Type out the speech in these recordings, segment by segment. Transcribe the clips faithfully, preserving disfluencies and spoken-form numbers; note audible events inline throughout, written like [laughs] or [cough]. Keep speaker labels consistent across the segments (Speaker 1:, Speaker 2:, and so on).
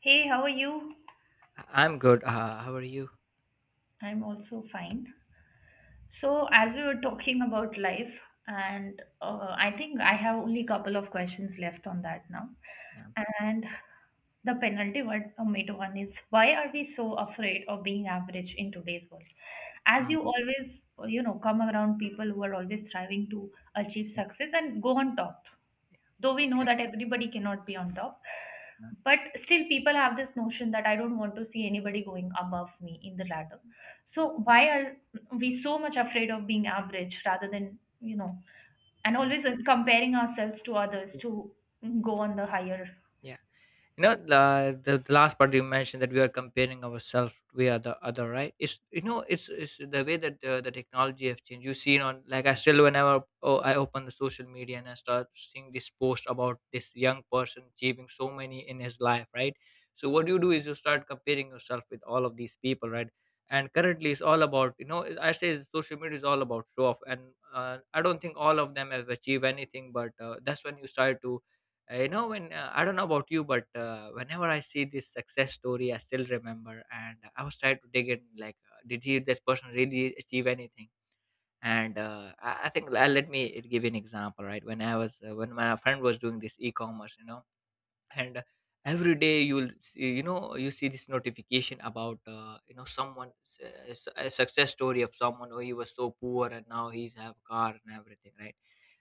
Speaker 1: Hey, how are you?
Speaker 2: I- I'm good. Uh, how are you?
Speaker 1: I'm also fine. So, as we were talking about life, and uh, I think I have only couple of questions left on that now.
Speaker 2: Yeah.
Speaker 1: And the penalty one, uh, mid one is why are we so afraid of being average in today's world? As you
Speaker 2: Mm,
Speaker 1: always, uh, you know, come around people who are always striving to achieve
Speaker 2: yeah.
Speaker 1: success and go on top.
Speaker 2: Yeah.
Speaker 1: Though we know
Speaker 2: Yeah.
Speaker 1: that everybody cannot be on top,
Speaker 2: Yeah.
Speaker 1: but still people have this notion that I don't want to see anybody going above me in the ladder. So why are we so much afraid of being average rather than you know and
Speaker 2: Yeah.
Speaker 1: always uh, comparing ourselves to others to go on the higher.
Speaker 2: Yeah. you know uh, the, the last part you mentioned that we are comparing ourselves, we are the other, right? It's, you know, it's, it's the way that uh, the technology have changed. You see on like, I still whenever, oh, I open the social media and I start seeing this post about this young person achieving so many in his life, right? So what you do is you start comparing yourself with all of these people, right? And currently it's all about, you know, I say social media is all about show off. And uh, I don't think all of them have achieved anything, but uh, that's when you start to uh, you know, when uh, I don't know about you, but uh, whenever I see this success story, I still remember and I was trying to dig in like, uh, did he this person really achieve anything. And uh, I, I think uh, let me give you an example, right? When I was uh, when my friend was doing this e-commerce, you know, and uh, every day you'll see, you know, you see this notification about, uh, you know, someone s- a s- a success story of someone who, he was so poor and now he's have a car and everything, right?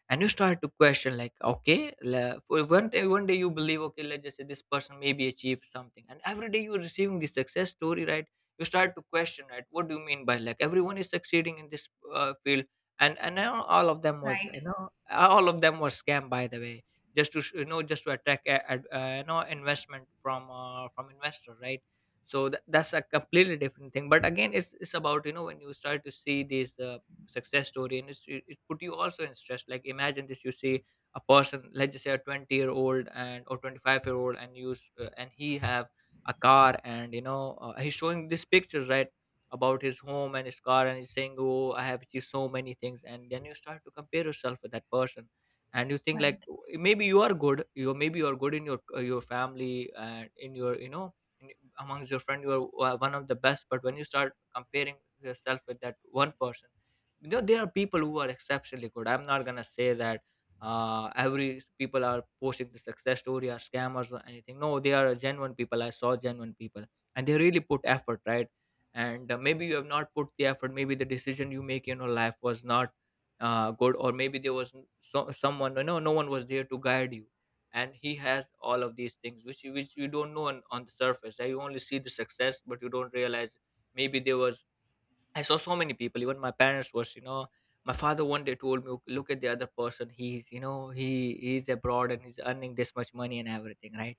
Speaker 2: And you start to question like, okay la- for one day, one day you believe, okay, let's just say this person maybe achieved something, and every day you're receiving the success story, right? You start to question, right? What do you mean by, like, everyone is succeeding in this uh, field? And and now all of them was,
Speaker 1: Right.
Speaker 2: you know, all of them was scam, by the way. Just to sh- you know, just to attract a, ad, uh, you know, investment from uh, from investor, right? So tha- that's a completely different thing, but again, it's it's about, you know, when you start to see these uh, success story, and it's, it, it put you also in stress. Like imagine this, you see a person, let's just say a twenty year old and or twenty-five year old, and use uh, and he have a car, and, you know, uh, he's showing these pictures, right, about his home and his car, and he's saying, oh, I have achieved so many things. And then you start to compare yourself with that person, and you think
Speaker 1: Right.
Speaker 2: like, "Oh, maybe you are good, you maybe you are good in your uh, your family and in your, you know, in, amongst your friend, you are uh, one of the best. But when you start comparing yourself with that one person, you know there are people who are exceptionally good. I'm not gonna say that uh every s- people are posting the success story are scammers or anything. No, they are genuine people. I saw genuine people and they really put effort, right? And uh, maybe you have not put the effort, maybe the decision you make in your life was not uh, good, or maybe there was n- so, someone, you know, no one was there to guide you, and he has all of these things which you, which you don't know on, on the surface, right? You only see the success, but you don't realize maybe there was. I saw so many people, even my parents was, you know, my father one day told me, "Okay, look at the other person. He's, you know, he he's abroad and he's earning this much money and everything, right?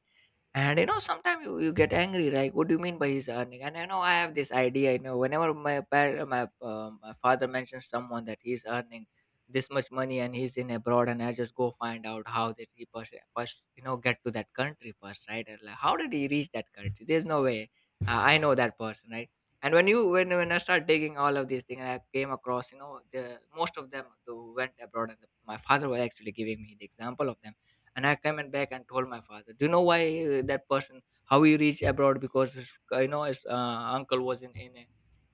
Speaker 2: And you know, sometimes you, you get angry, like, what do you mean by he's earning? And I know I have this idea, you know, whenever my par- my, uh, my father mentions someone that he's earning this much money and he's in abroad, and I just go find out how did he pers- first, you know, get to that country first, right? And like, how did he reach that country? There's no way. Uh, I know that person, right? And when you when when I start digging all of these things, I came across, you know, the most of them who went abroad, and the, my father was actually giving me the example of them. And I came and back and told my father, do you know why uh, that person how he reached abroad? Because his, you know, his uh, uncle was in in a-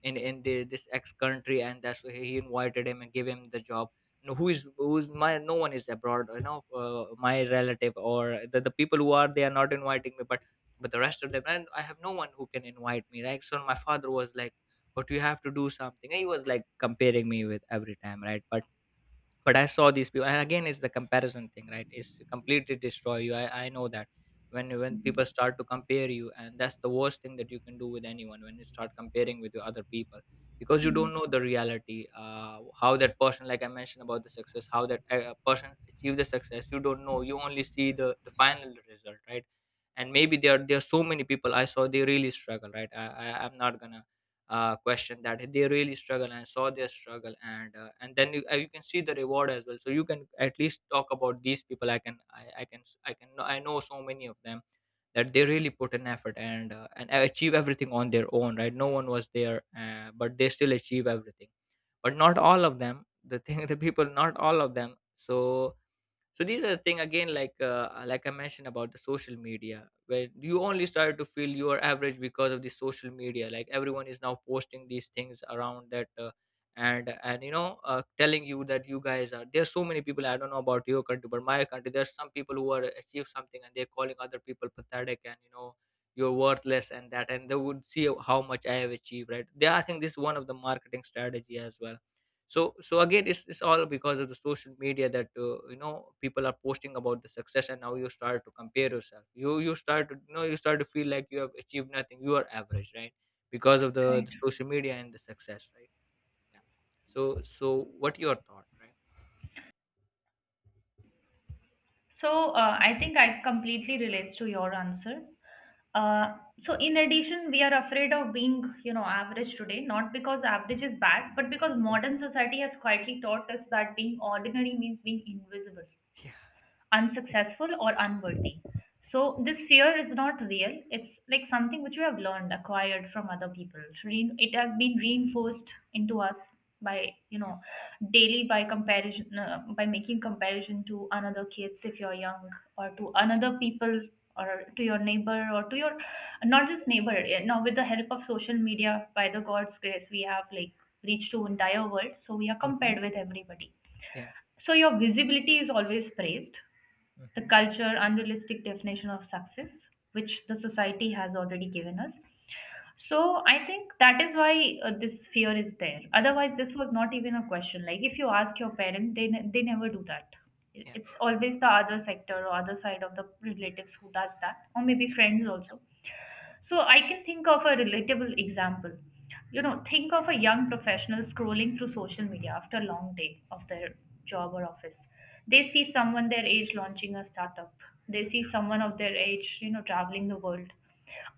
Speaker 2: in in the, this ex country, and that's why he invited him and gave him the job. No, who is who's my no one is abroad, you know. Uh, my relative or the, the people who are, they are not inviting me, but but the rest of them, and I have no one who can invite me, right? So my father was like, but you have to do something. He was like comparing me with every time, right? but but I saw these people, and again it's the comparison thing, right? It's to completely destroy you. i, I know that when when
Speaker 1: Mhm.
Speaker 2: people start to compare you, and that's the worst thing that you can do with anyone, when you start comparing with your other people, because you
Speaker 1: Mhm.
Speaker 2: don't know the reality. Uh, how that person, like I mentioned about the success, how that uh, person achieved the success, you don't know, you only see the the final result, right? And maybe there are there are so many people I saw, they really struggle, right? i, I, I'm not gonna uh, question that. They really struggle, and saw their struggle, and uh, and then you, uh, you can see the reward as well, so you can at least talk about these people. I can i, I can I can I know so many of them that they really put an effort and uh, and achieve everything on their own, right? No one was there, uh, but they still achieve everything. But not all of them, the thing [laughs] the people, not all of them. So so these are the thing, again, like, uh, like I mentioned about the social media, where you only started to feel you are average because of the social media, like everyone is now posting these things around that, uh, and and you know, uh, telling you that you guys are, there's so many people. I don't know about your country, but my country there's some people who are achieve something, and they're calling other people pathetic and you know, you're worthless and that, and they would see how much I have achieved, right? they I think this is one of the marketing strategy as well. So so again, it's, it's all because of the social media that, uh, you know, people are posting about the success, and now you start to compare yourself. You you start to, you know, you start to feel like you have achieved nothing, you are average, right? Because of the, the
Speaker 1: Right.
Speaker 2: social media and the success, right? Yeah. So so what your thought, right?
Speaker 1: So uh, I think I completely relates to your answer. uh, so in addition, we are afraid of being, you know, average today not because average is bad but because
Speaker 2: Yeah,
Speaker 1: modern society has quietly taught us that being ordinary means being invisible,
Speaker 2: yeah,
Speaker 1: unsuccessful, or unworthy. So this fear is not real. It's like something which we have learned, acquired from other people. Re- It has been reinforced into us by, you
Speaker 2: yeah,
Speaker 1: know, daily by comparison, uh, by making comparison to another kids if you're young, or to another people, or to your neighbor, or to your, not just neighbor, eh, now with the help of social media by the god's grace we have like reached to entire world so we are
Speaker 2: mm-hmm,
Speaker 1: compared with everybody.
Speaker 2: yeah,
Speaker 1: So your visibility is always praised. The
Speaker 2: mm-hmm,
Speaker 1: culture, unrealistic definition of success, which the society has already given us. So I think that is why uh, this fear is there. Otherwise, this was not even a question. Like if you ask your parent, they ne- they never do that. It-
Speaker 2: yeah,
Speaker 1: It's always the other sector or other side of the relatives who does that, or maybe
Speaker 2: yeah,
Speaker 1: friends also.
Speaker 2: mm,
Speaker 1: So I can think of a relatable example. You know, think of a young professional scrolling through social media after a long day of their job or office. They see someone their age launching a startup. They see someone of their age, you know, traveling the world.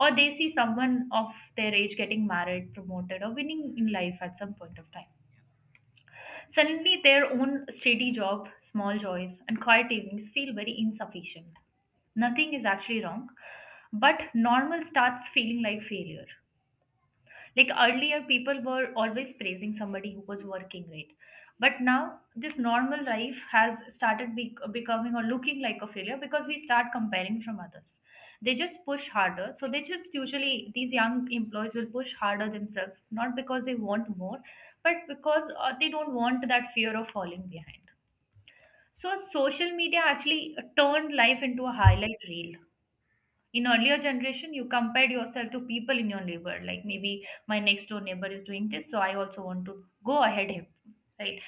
Speaker 1: Or they see someone of their age getting married, promoted, or winning in life at some point of time. Suddenly, their own steady job, small joys, and quiet evenings feel very insufficient. Nothing is actually wrong, but normal starts feeling like failure. Like earlier people were always praising somebody who was working, right? But now this normal life has started be- becoming or looking like a failure because we start comparing from others. They just push harder, so they just usually these young employees will push harder themselves not because they want more, but because uh, they don't want that fear of falling behind. So social media actually turned life into a highlight reel. In earlier generation you compared yourself to people in your neighbor, like maybe my next door neighbor is doing this so I also want to go ahead him, right?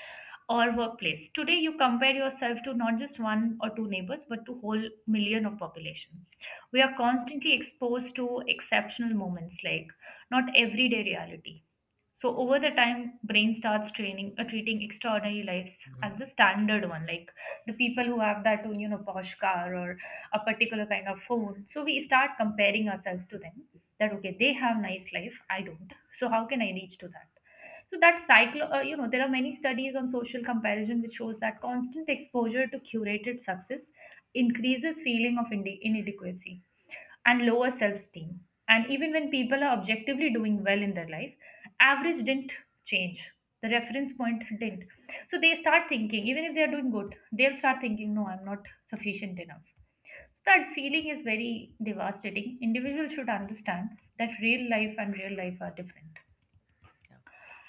Speaker 1: Or workplace. Today you compare yourself to not just one or two neighbors but to whole million of population. We are constantly exposed to exceptional moments, like not everyday reality. So
Speaker 2: yeah,
Speaker 1: over the time, brain starts training uh, treating extraordinary lives as
Speaker 2: mm-hmm,
Speaker 1: the standard one, like the people who have that, you know, posh car or a particular kind of phone. So we start comparing ourselves to them. That okay, they have nice life, I don't. So how can I reach to that? So that cycle, uh, you know, there are many studies on social comparison which shows that constant exposure to curated success increases feeling of inde- inadequacy and lower self esteem. And even when people are objectively doing well in their life, average didn't change. The reference point didn't. So they start thinking, even if they're doing good, they'll start thinking, no, I'm not sufficient enough. So that feeling is very devastating. Individuals should understand that real life and real life are different.
Speaker 2: yeah,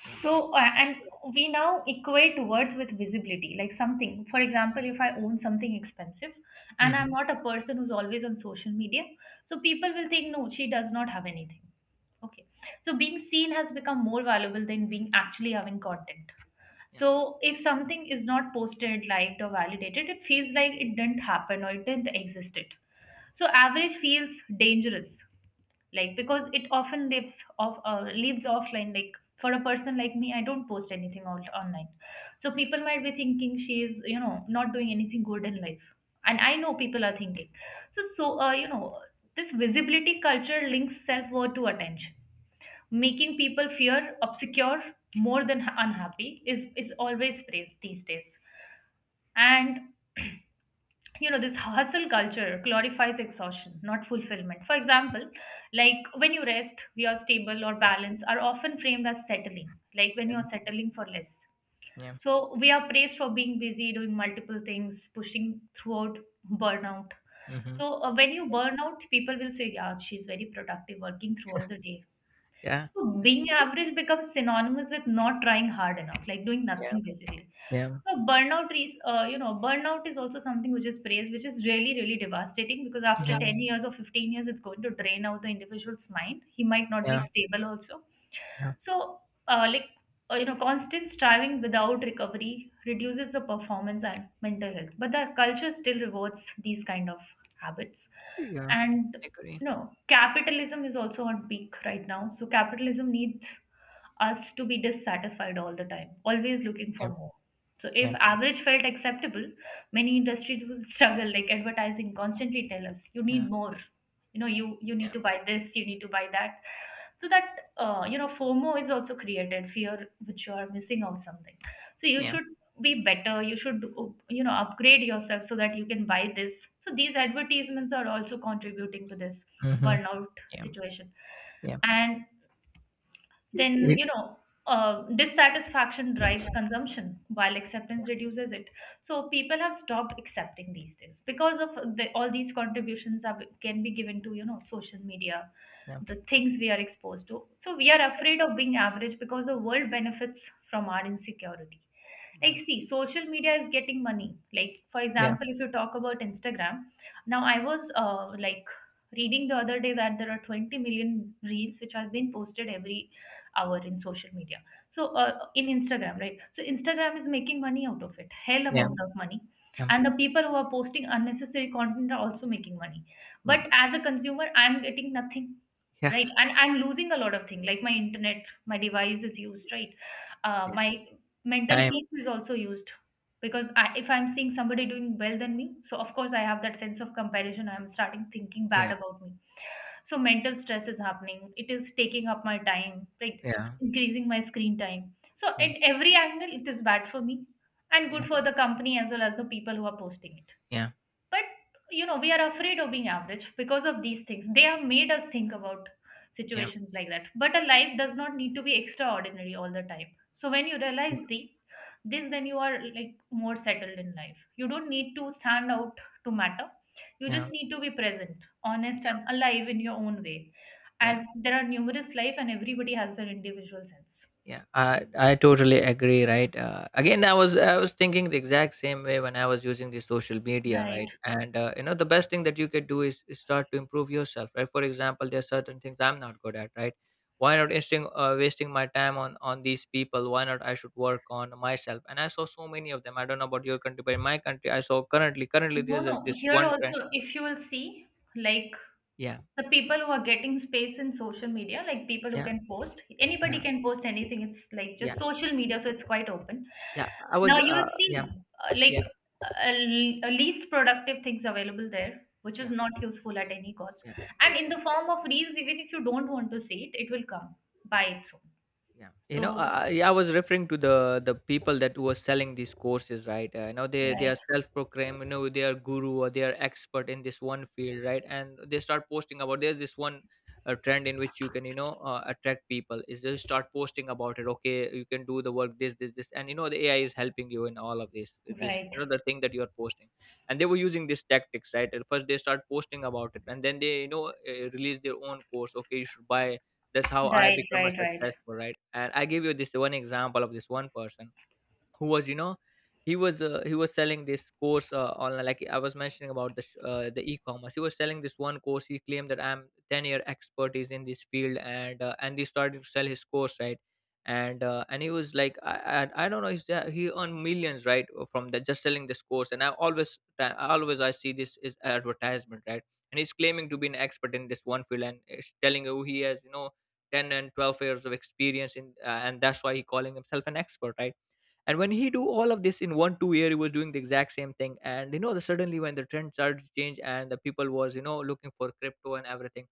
Speaker 2: yeah,
Speaker 1: So, uh, and we now equate worth with visibility, like something. For example, if I own something expensive and I'm
Speaker 2: mm-hmm,
Speaker 1: not a person who's always on social media, so people will think, no, she does not have anything. Okay. So, being seen has become more valuable than being actually having content.
Speaker 2: yeah,
Speaker 1: So, if something is not posted, liked, or validated, it feels like it didn't happen or it didn't exist. It. So, average feels dangerous like because it often lives off uh, lives offline, like for a person like me, I don't post anything on online, so
Speaker 2: yeah,
Speaker 1: people might be thinking she is, you know, not doing anything good in life. And I know people are thinking. So so uh, you know, this visibility culture links self worth to attention, making people fear obscure more than ha- unhappy is is always praised these days. And, you know, this hustle culture glorifies exhaustion not fulfillment. For example, like when you rest your stable or
Speaker 2: yeah,
Speaker 1: balance are often framed as settling, like when
Speaker 2: yeah,
Speaker 1: you're settling for less.
Speaker 2: yeah,
Speaker 1: So we are praised for being busy doing multiple things, pushing throughout burnout.
Speaker 2: mm-hmm,
Speaker 1: So uh, when you burn out people will say yeah she's very productive working throughout the day.
Speaker 2: yeah,
Speaker 1: So being
Speaker 2: yeah,
Speaker 1: average becomes synonymous with not trying hard enough, like doing
Speaker 2: yeah,
Speaker 1: nothing basically.
Speaker 2: yeah,
Speaker 1: So burnout is, uh, you know, burnout is also something which is praised, which is really, really devastating because after ten years or fifteen years, it's going to drain out the individual's mind. He might not be
Speaker 2: yeah,
Speaker 1: stable also.
Speaker 2: yeah.
Speaker 1: So, uh, like, uh, you know, constant striving without recovery reduces the performance and mental health. But the culture still rewards these kind of habits.
Speaker 2: Yeah.
Speaker 1: And,
Speaker 2: Agree.
Speaker 1: you know, capitalism is also on peak right now. So, capitalism needs us to be dissatisfied all the time, always looking for
Speaker 2: Yeah,
Speaker 1: more. So if
Speaker 2: yeah,
Speaker 1: average felt acceptable, many industries will [laughs] struggle. Like advertising constantly tell us, you
Speaker 2: yeah,
Speaker 1: need more. You know, you you need
Speaker 2: yeah,
Speaker 1: to buy this, you need to buy that. So that uh, you know, FOMO is also created, fear which you are missing out something. So you
Speaker 2: yeah,
Speaker 1: should be better. You should, uh, you know, upgrade yourself so that you can buy this. So these advertisements are also contributing to this
Speaker 2: mhm,
Speaker 1: burnout
Speaker 2: yeah,
Speaker 1: situation.
Speaker 2: yeah,
Speaker 1: And then
Speaker 2: it,
Speaker 1: you know uh, Dissatisfaction drives consumption while acceptance reduces it. So people have stopped accepting these days because of the, all these contributions are, can be given to, you know, social media,
Speaker 2: yeah,
Speaker 1: the things we are exposed to. So we are afraid of being average because the world benefits from our insecurity. Like
Speaker 2: yeah,
Speaker 1: see, social media is getting money. Like for
Speaker 2: yeah,
Speaker 1: example, if you talk about Instagram, now I was, uh, like reading the other day that there are twenty million reels which are being posted every hour in social media. So uh, in Instagram, right? So Instagram is making money out of it, hell
Speaker 2: yeah,
Speaker 1: amount of money.
Speaker 2: yeah,
Speaker 1: And the people who are posting unnecessary content are also making money,
Speaker 2: yeah,
Speaker 1: but as a consumer I'm getting nothing,
Speaker 2: yeah, yeah,
Speaker 1: right? And I'm losing a lot of things, like my internet, my device is used, right? uh,
Speaker 2: yeah,
Speaker 1: my mental
Speaker 2: time,
Speaker 1: peace is also used because I, if I'm seeing somebody doing well than me, so of course I have that sense of comparison, I'm starting thinking bad
Speaker 2: yeah,
Speaker 1: about me. So mental stress is happening, it is taking up my time, like
Speaker 2: yeah,
Speaker 1: increasing my screen time. So
Speaker 2: yeah,
Speaker 1: at every angle it is bad for me and
Speaker 2: yeah,
Speaker 1: good for the company as well as the people who are posting it.
Speaker 2: yeah,
Speaker 1: But you know, we are afraid of being average because of these things, they have made us think about
Speaker 2: yeah,
Speaker 1: situations like that. But a life does not need to be extraordinary all the time. So when you realize the this, then you are like more settled in life. You don't need to stand out to matter. You
Speaker 2: yeah,
Speaker 1: just need to be present, honest,
Speaker 2: yeah,
Speaker 1: and alive in your own way,
Speaker 2: yeah.
Speaker 1: as there are numerous life and everybody has their individual sense.
Speaker 2: Yeah, I I totally agree. Right. Uh, again, I was I was thinking the exact same way when I was using the social media. Right.
Speaker 1: Right.
Speaker 2: And uh, you know, the best thing that you could do is, is start to improve yourself. Right. For example, there are certain things I'm not good at. Right. Why not wasting uh, wasting my time on on these people? Why not I should work on myself? And I saw so many of them. I don't know about your country, but in my country, I saw currently currently
Speaker 1: No,
Speaker 2: there's a,
Speaker 1: no.
Speaker 2: this
Speaker 1: Here
Speaker 2: one trend.
Speaker 1: also, if you will see, like
Speaker 2: Yeah.
Speaker 1: the people who are getting space in social media, like people who
Speaker 2: Yeah.
Speaker 1: can post, anybody
Speaker 2: Yeah.
Speaker 1: can post anything, it's like
Speaker 2: Yeah.
Speaker 1: just social media, so it's quite open.
Speaker 2: Yeah. I
Speaker 1: Now
Speaker 2: was.
Speaker 1: you'll
Speaker 2: Uh, yeah.
Speaker 1: see, uh, like
Speaker 2: Yeah.
Speaker 1: uh, le- least productive things available there, which is
Speaker 2: Yeah.
Speaker 1: not useful at any cost.
Speaker 2: Yeah.
Speaker 1: And in
Speaker 2: Yeah.
Speaker 1: the form of reels, even if you don't want to see it, it will come by its own.
Speaker 2: Yeah, you know, I,
Speaker 1: So
Speaker 2: I yeah, I was referring to the the people that were selling these courses, right? Uh, you know, they they
Speaker 1: right,
Speaker 2: are self-proclaimed, you know, they are guru or they are expert in this one field, right? And they start posting about, there's this one uh, trend in which you can, you know, uh, attract people is they start posting about it, okay, you can do the work this this this, and you know, the A I is helping you in all of this this, you
Speaker 1: right,
Speaker 2: know, the thing that you are posting. And they were using these tactics, right? At first they start posting about it, and then they, you know, uh, release their own course. Okay, you should buy, that's how I
Speaker 1: right,
Speaker 2: become a
Speaker 1: right, right.
Speaker 2: successful, right? And I give you this one example of this one person who was you know he was uh, he was selling this course uh, online, like I was mentioning about the sh- uh, the e-commerce. He was selling this one course. He claimed that I'm ten year expertise in this field, and uh, and he started to sell his course, right? And uh, and he was like, i i, I don't know, he's, uh, he earned millions, right, uh, from that, just selling this course. And I always I always I see this is advertisement, right? And he's claiming to be an expert in this one field and is telling you he has you know ten and twelve years of experience in uh, and that's why he calling himself an expert, right? And when he do all of this in one two year, he was doing the exact same thing. And you know the suddenly, when the trend started to change and the people was you know looking for crypto and everything,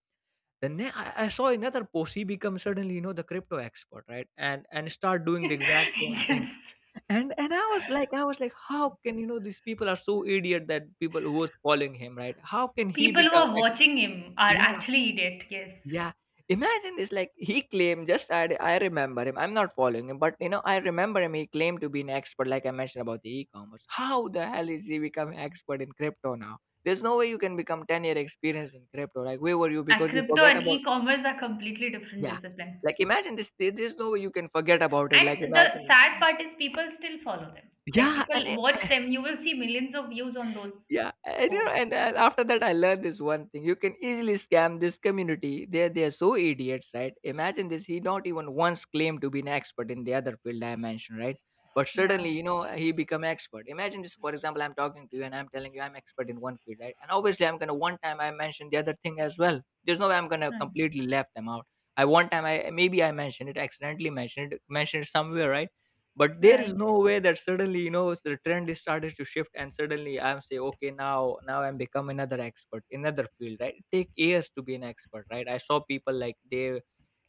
Speaker 2: then ne- I, I saw another post. He become suddenly, you know the crypto expert, right? And and start doing the
Speaker 1: [laughs]
Speaker 2: exact same thing.
Speaker 1: Yes.
Speaker 2: And and i was like i was like, how can, you know these people are so idiot, that people who was following him, right? How can he
Speaker 1: People who
Speaker 2: become
Speaker 1: are
Speaker 2: ex-
Speaker 1: watching him are actually idiot, yes.
Speaker 2: yeah. Imagine this, like he claimed, just I I remember him. I'm not following him, but you know, I remember him. He claimed to be an expert, like I mentioned about the e-commerce. How the hell is he become an expert in crypto now? There's no way you can become ten year experience in crypto. Like where were you?
Speaker 1: And
Speaker 2: Because you
Speaker 1: crypto
Speaker 2: forget
Speaker 1: and
Speaker 2: about,
Speaker 1: e-commerce are completely different
Speaker 2: yeah.
Speaker 1: discipline.
Speaker 2: Like imagine, this there- there's no way you can forget about it. Like
Speaker 1: And the
Speaker 2: imagine,
Speaker 1: sad part is people still follow them. Like
Speaker 2: yeah,
Speaker 1: people
Speaker 2: and it,
Speaker 1: watch them, you will see millions of views on those
Speaker 2: yeah, and you know,
Speaker 1: posts.
Speaker 2: and uh, after that, I learned this one thing: you can easily scam this community. They they are so idiots, right? Imagine this: he not even once claimed to be an expert in the other field I mentioned, right? But
Speaker 1: Yeah,
Speaker 2: suddenly, you know, he become expert. Imagine this: for example, I'm talking to you and I'm telling you I'm expert in one field, right? And obviously, I'm gonna one time I mention the other thing as well. There's no way I'm gonna
Speaker 1: right,
Speaker 2: completely left them out. I one time I maybe I mentioned it, accidentally mentioned it, mentioned it somewhere, right? But there
Speaker 1: right.
Speaker 2: is no way that suddenly, you know the trend is started to shift, and suddenly I'm say, okay, now now I'm become another expert in another field, right? It take years to be an expert, right? I saw people like they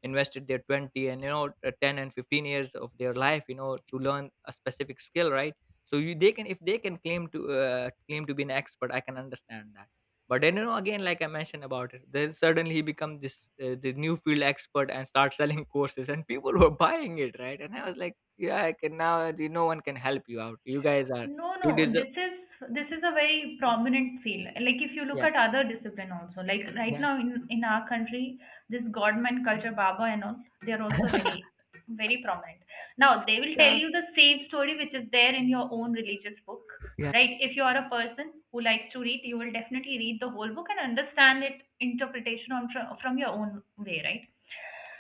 Speaker 2: invested their twenty and you know uh, ten and fifteen years of their life, you know to learn a specific skill, right? So you they can if they can claim to uh, claim to be an expert, I can understand that. But then, you know again, like I mentioned about it, then suddenly he become this uh, the new field expert and start selling [laughs] courses, and people were buying it, right? And I was like, yeah, I can. Now, the no one can help you out. You guys are,
Speaker 1: No,
Speaker 2: you
Speaker 1: no,
Speaker 2: deserve.
Speaker 1: this is this is a very prominent field. Like if you look
Speaker 2: Yeah,
Speaker 1: at other discipline also, like right
Speaker 2: yeah,
Speaker 1: now in in our country, this godman culture, Baba and all, they are also very
Speaker 2: [laughs]
Speaker 1: very prominent. Now they will tell
Speaker 2: yeah,
Speaker 1: you the same story which is there in your own religious book,
Speaker 2: yeah.
Speaker 1: right? If you are a person who likes to read, you will definitely read the whole book and understand it interpretation on from, from your own way, right?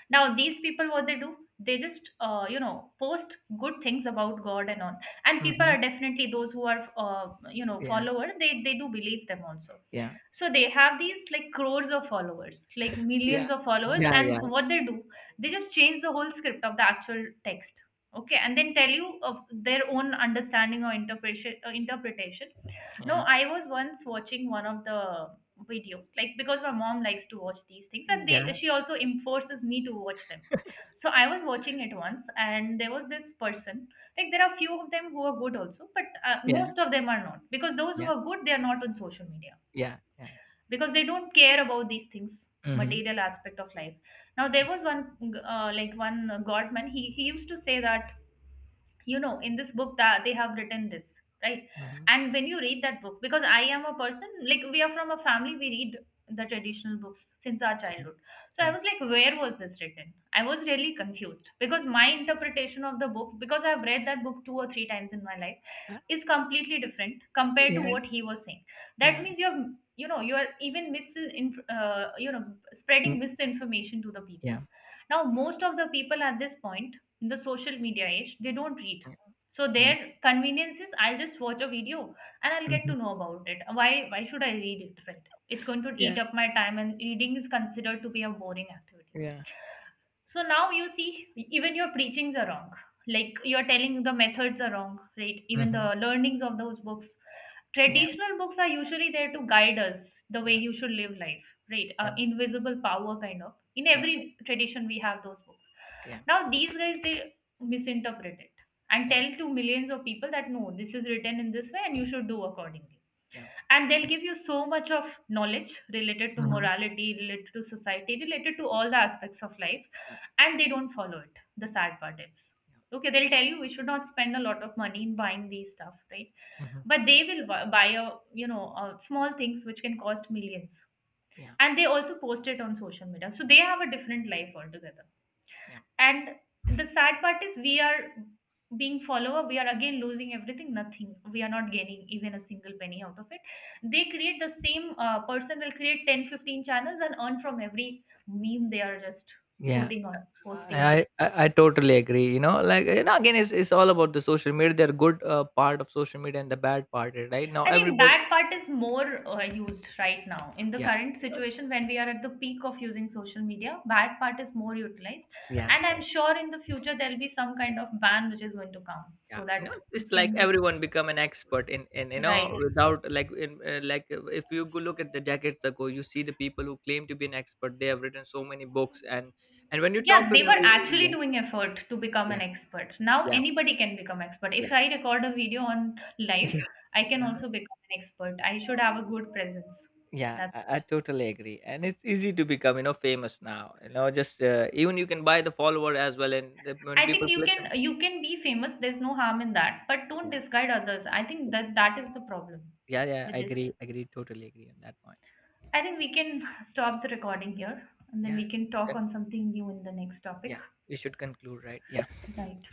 Speaker 1: Now these people, what they do, they just uh, you know post good things about God and all, and people
Speaker 2: Hmm.
Speaker 1: are definitely those who are uh, you know
Speaker 2: Yeah,
Speaker 1: follower, they they do believe them also.
Speaker 2: yeah,
Speaker 1: So they have these like crores of followers, like
Speaker 2: yeah,
Speaker 1: millions of followers.
Speaker 2: yeah, yeah,
Speaker 1: And what they do, they just change the whole script of the actual text, okay, and then tell you of their own understanding or interpretation, uh, interpretation No,
Speaker 2: yeah,
Speaker 1: I was once watching one of the videos, like because my mom likes to watch these things and they, she also enforces me to watch them. So I was watching it once and there was this person. Like there are few of them who are good also, but uh,
Speaker 2: yeah, yeah,
Speaker 1: most of them are not, because those who
Speaker 2: yeah,
Speaker 1: are good, they are not on social media,
Speaker 2: yeah, yeah.
Speaker 1: because they don't care about these things,
Speaker 2: Hmm.
Speaker 1: material aspect of life. Now there was one uh, like one godman, he he used to say that, you know, in this book that they have written this, right?
Speaker 2: Hmm.
Speaker 1: And when you read that book, because I am a person, like we are from a family, we read the traditional books since our childhood. So I
Speaker 2: Yeah.
Speaker 1: was like, where was this written? I was really confused, because my interpretation of the book, because I've read that book two or three times in my life,
Speaker 2: Uh,
Speaker 1: is completely different compared to
Speaker 2: yeah,
Speaker 1: what he was saying. That
Speaker 2: yeah.
Speaker 1: means you're, you know, you are even mis uh, you know spreading
Speaker 2: Mm.
Speaker 1: misinformation to the people.
Speaker 2: Yeah,
Speaker 1: Now most of the people at this point, in the social media age, they don't read.
Speaker 2: yeah,
Speaker 1: So
Speaker 2: yeah.
Speaker 1: their convenience is, I'll just watch a video and I'll get to
Speaker 2: Hmm.
Speaker 1: know about it. Why why should I read it, right? It's going to eat
Speaker 2: Yeah,
Speaker 1: up my time, and reading is considered to be a boring activity.
Speaker 2: yeah.
Speaker 1: So now you see, even your preachings are wrong. Like you're telling the methods are wrong, right? Even
Speaker 2: Hmm.
Speaker 1: the learnings of those books.
Speaker 2: Yeah,
Speaker 1: Traditional books are usually there to guide us the way
Speaker 2: yeah,
Speaker 1: you should live life, right? Uh,
Speaker 2: yeah,
Speaker 1: invisible power, kind of. In
Speaker 2: yeah,
Speaker 1: every tradition, we have those books.
Speaker 2: yeah,
Speaker 1: Now, these guys, they misinterpret it and
Speaker 2: yeah,
Speaker 1: tell to millions of people that no, this is written in this way and you should do accordingly.
Speaker 2: yeah.
Speaker 1: And they'll give you so much of knowledge, related to
Speaker 2: Hmm.
Speaker 1: morality, related to society, related to all the aspects of life,
Speaker 2: Yeah,
Speaker 1: and they don't follow it. The sad part is,
Speaker 2: yeah.
Speaker 1: okay, they'll tell you we should not spend a lot of money in buying these stuff, right?
Speaker 2: Hmm.
Speaker 1: But they will bu- buy a, you know, uh, small things which can cost millions,
Speaker 2: Yeah,
Speaker 1: and they also post it on social media, so they have a different life altogether.
Speaker 2: yeah.
Speaker 1: And the sad part is, we are, being follower, we are again losing everything. Nothing, we are not gaining even a single penny out of it. They create the same uh, person will create ten, fifteen channels and earn from every meme they are just
Speaker 2: Yeah.
Speaker 1: putting on, posting on.
Speaker 2: I, I I totally agree. You know, like you know, again, it's it's all about the social media. They're good uh, part of social media and the bad part, right? Now
Speaker 1: I think
Speaker 2: everybody,
Speaker 1: that part is more uh, used right now. In the
Speaker 2: yeah,
Speaker 1: current situation, when we are at the peak of using social media, that part is more utilized.
Speaker 2: yeah,
Speaker 1: And I'm sure in the future there will be some kind of ban which is going to come so
Speaker 2: yeah. You know,
Speaker 1: that this
Speaker 2: it's like
Speaker 1: can be,
Speaker 2: everyone become an expert in in you know,
Speaker 1: right.
Speaker 2: without, like, in uh, like uh, if you go look at the decades ago, you see the people who claim to be an expert. They have written so many books, and and when you
Speaker 1: Yeah,
Speaker 2: talk to
Speaker 1: they
Speaker 2: them,
Speaker 1: were actually
Speaker 2: you,
Speaker 1: doing effort to become an
Speaker 2: yeah,
Speaker 1: expert. Now
Speaker 2: yeah,
Speaker 1: anybody can become expert. If
Speaker 2: yeah,
Speaker 1: I record a video on
Speaker 2: yeah,
Speaker 1: life,
Speaker 2: [laughs]
Speaker 1: I
Speaker 2: yeah,
Speaker 1: can
Speaker 2: yeah.
Speaker 1: also become an expert. I should have a good presence.
Speaker 2: Yeah,
Speaker 1: That's
Speaker 2: I, I
Speaker 1: it.
Speaker 2: totally agree, and it's easy to become, you know, famous now. You know, just, uh, even you can buy the follower as well, and the, when
Speaker 1: I think
Speaker 2: people
Speaker 1: you
Speaker 2: click
Speaker 1: can,
Speaker 2: on,
Speaker 1: you can be famous, there's no harm in that, but don't
Speaker 2: yeah,
Speaker 1: disguise others. I think
Speaker 2: yeah,
Speaker 1: that that is the problem.
Speaker 2: yeah, yeah,
Speaker 1: With
Speaker 2: I
Speaker 1: this,
Speaker 2: agree, agree, totally agree on that point.
Speaker 1: I think we can stop the recording here and then
Speaker 2: Yeah,
Speaker 1: we can talk
Speaker 2: con-
Speaker 1: on something new in the next topic.
Speaker 2: yeah, we should conclude, right? Yeah.
Speaker 1: Right.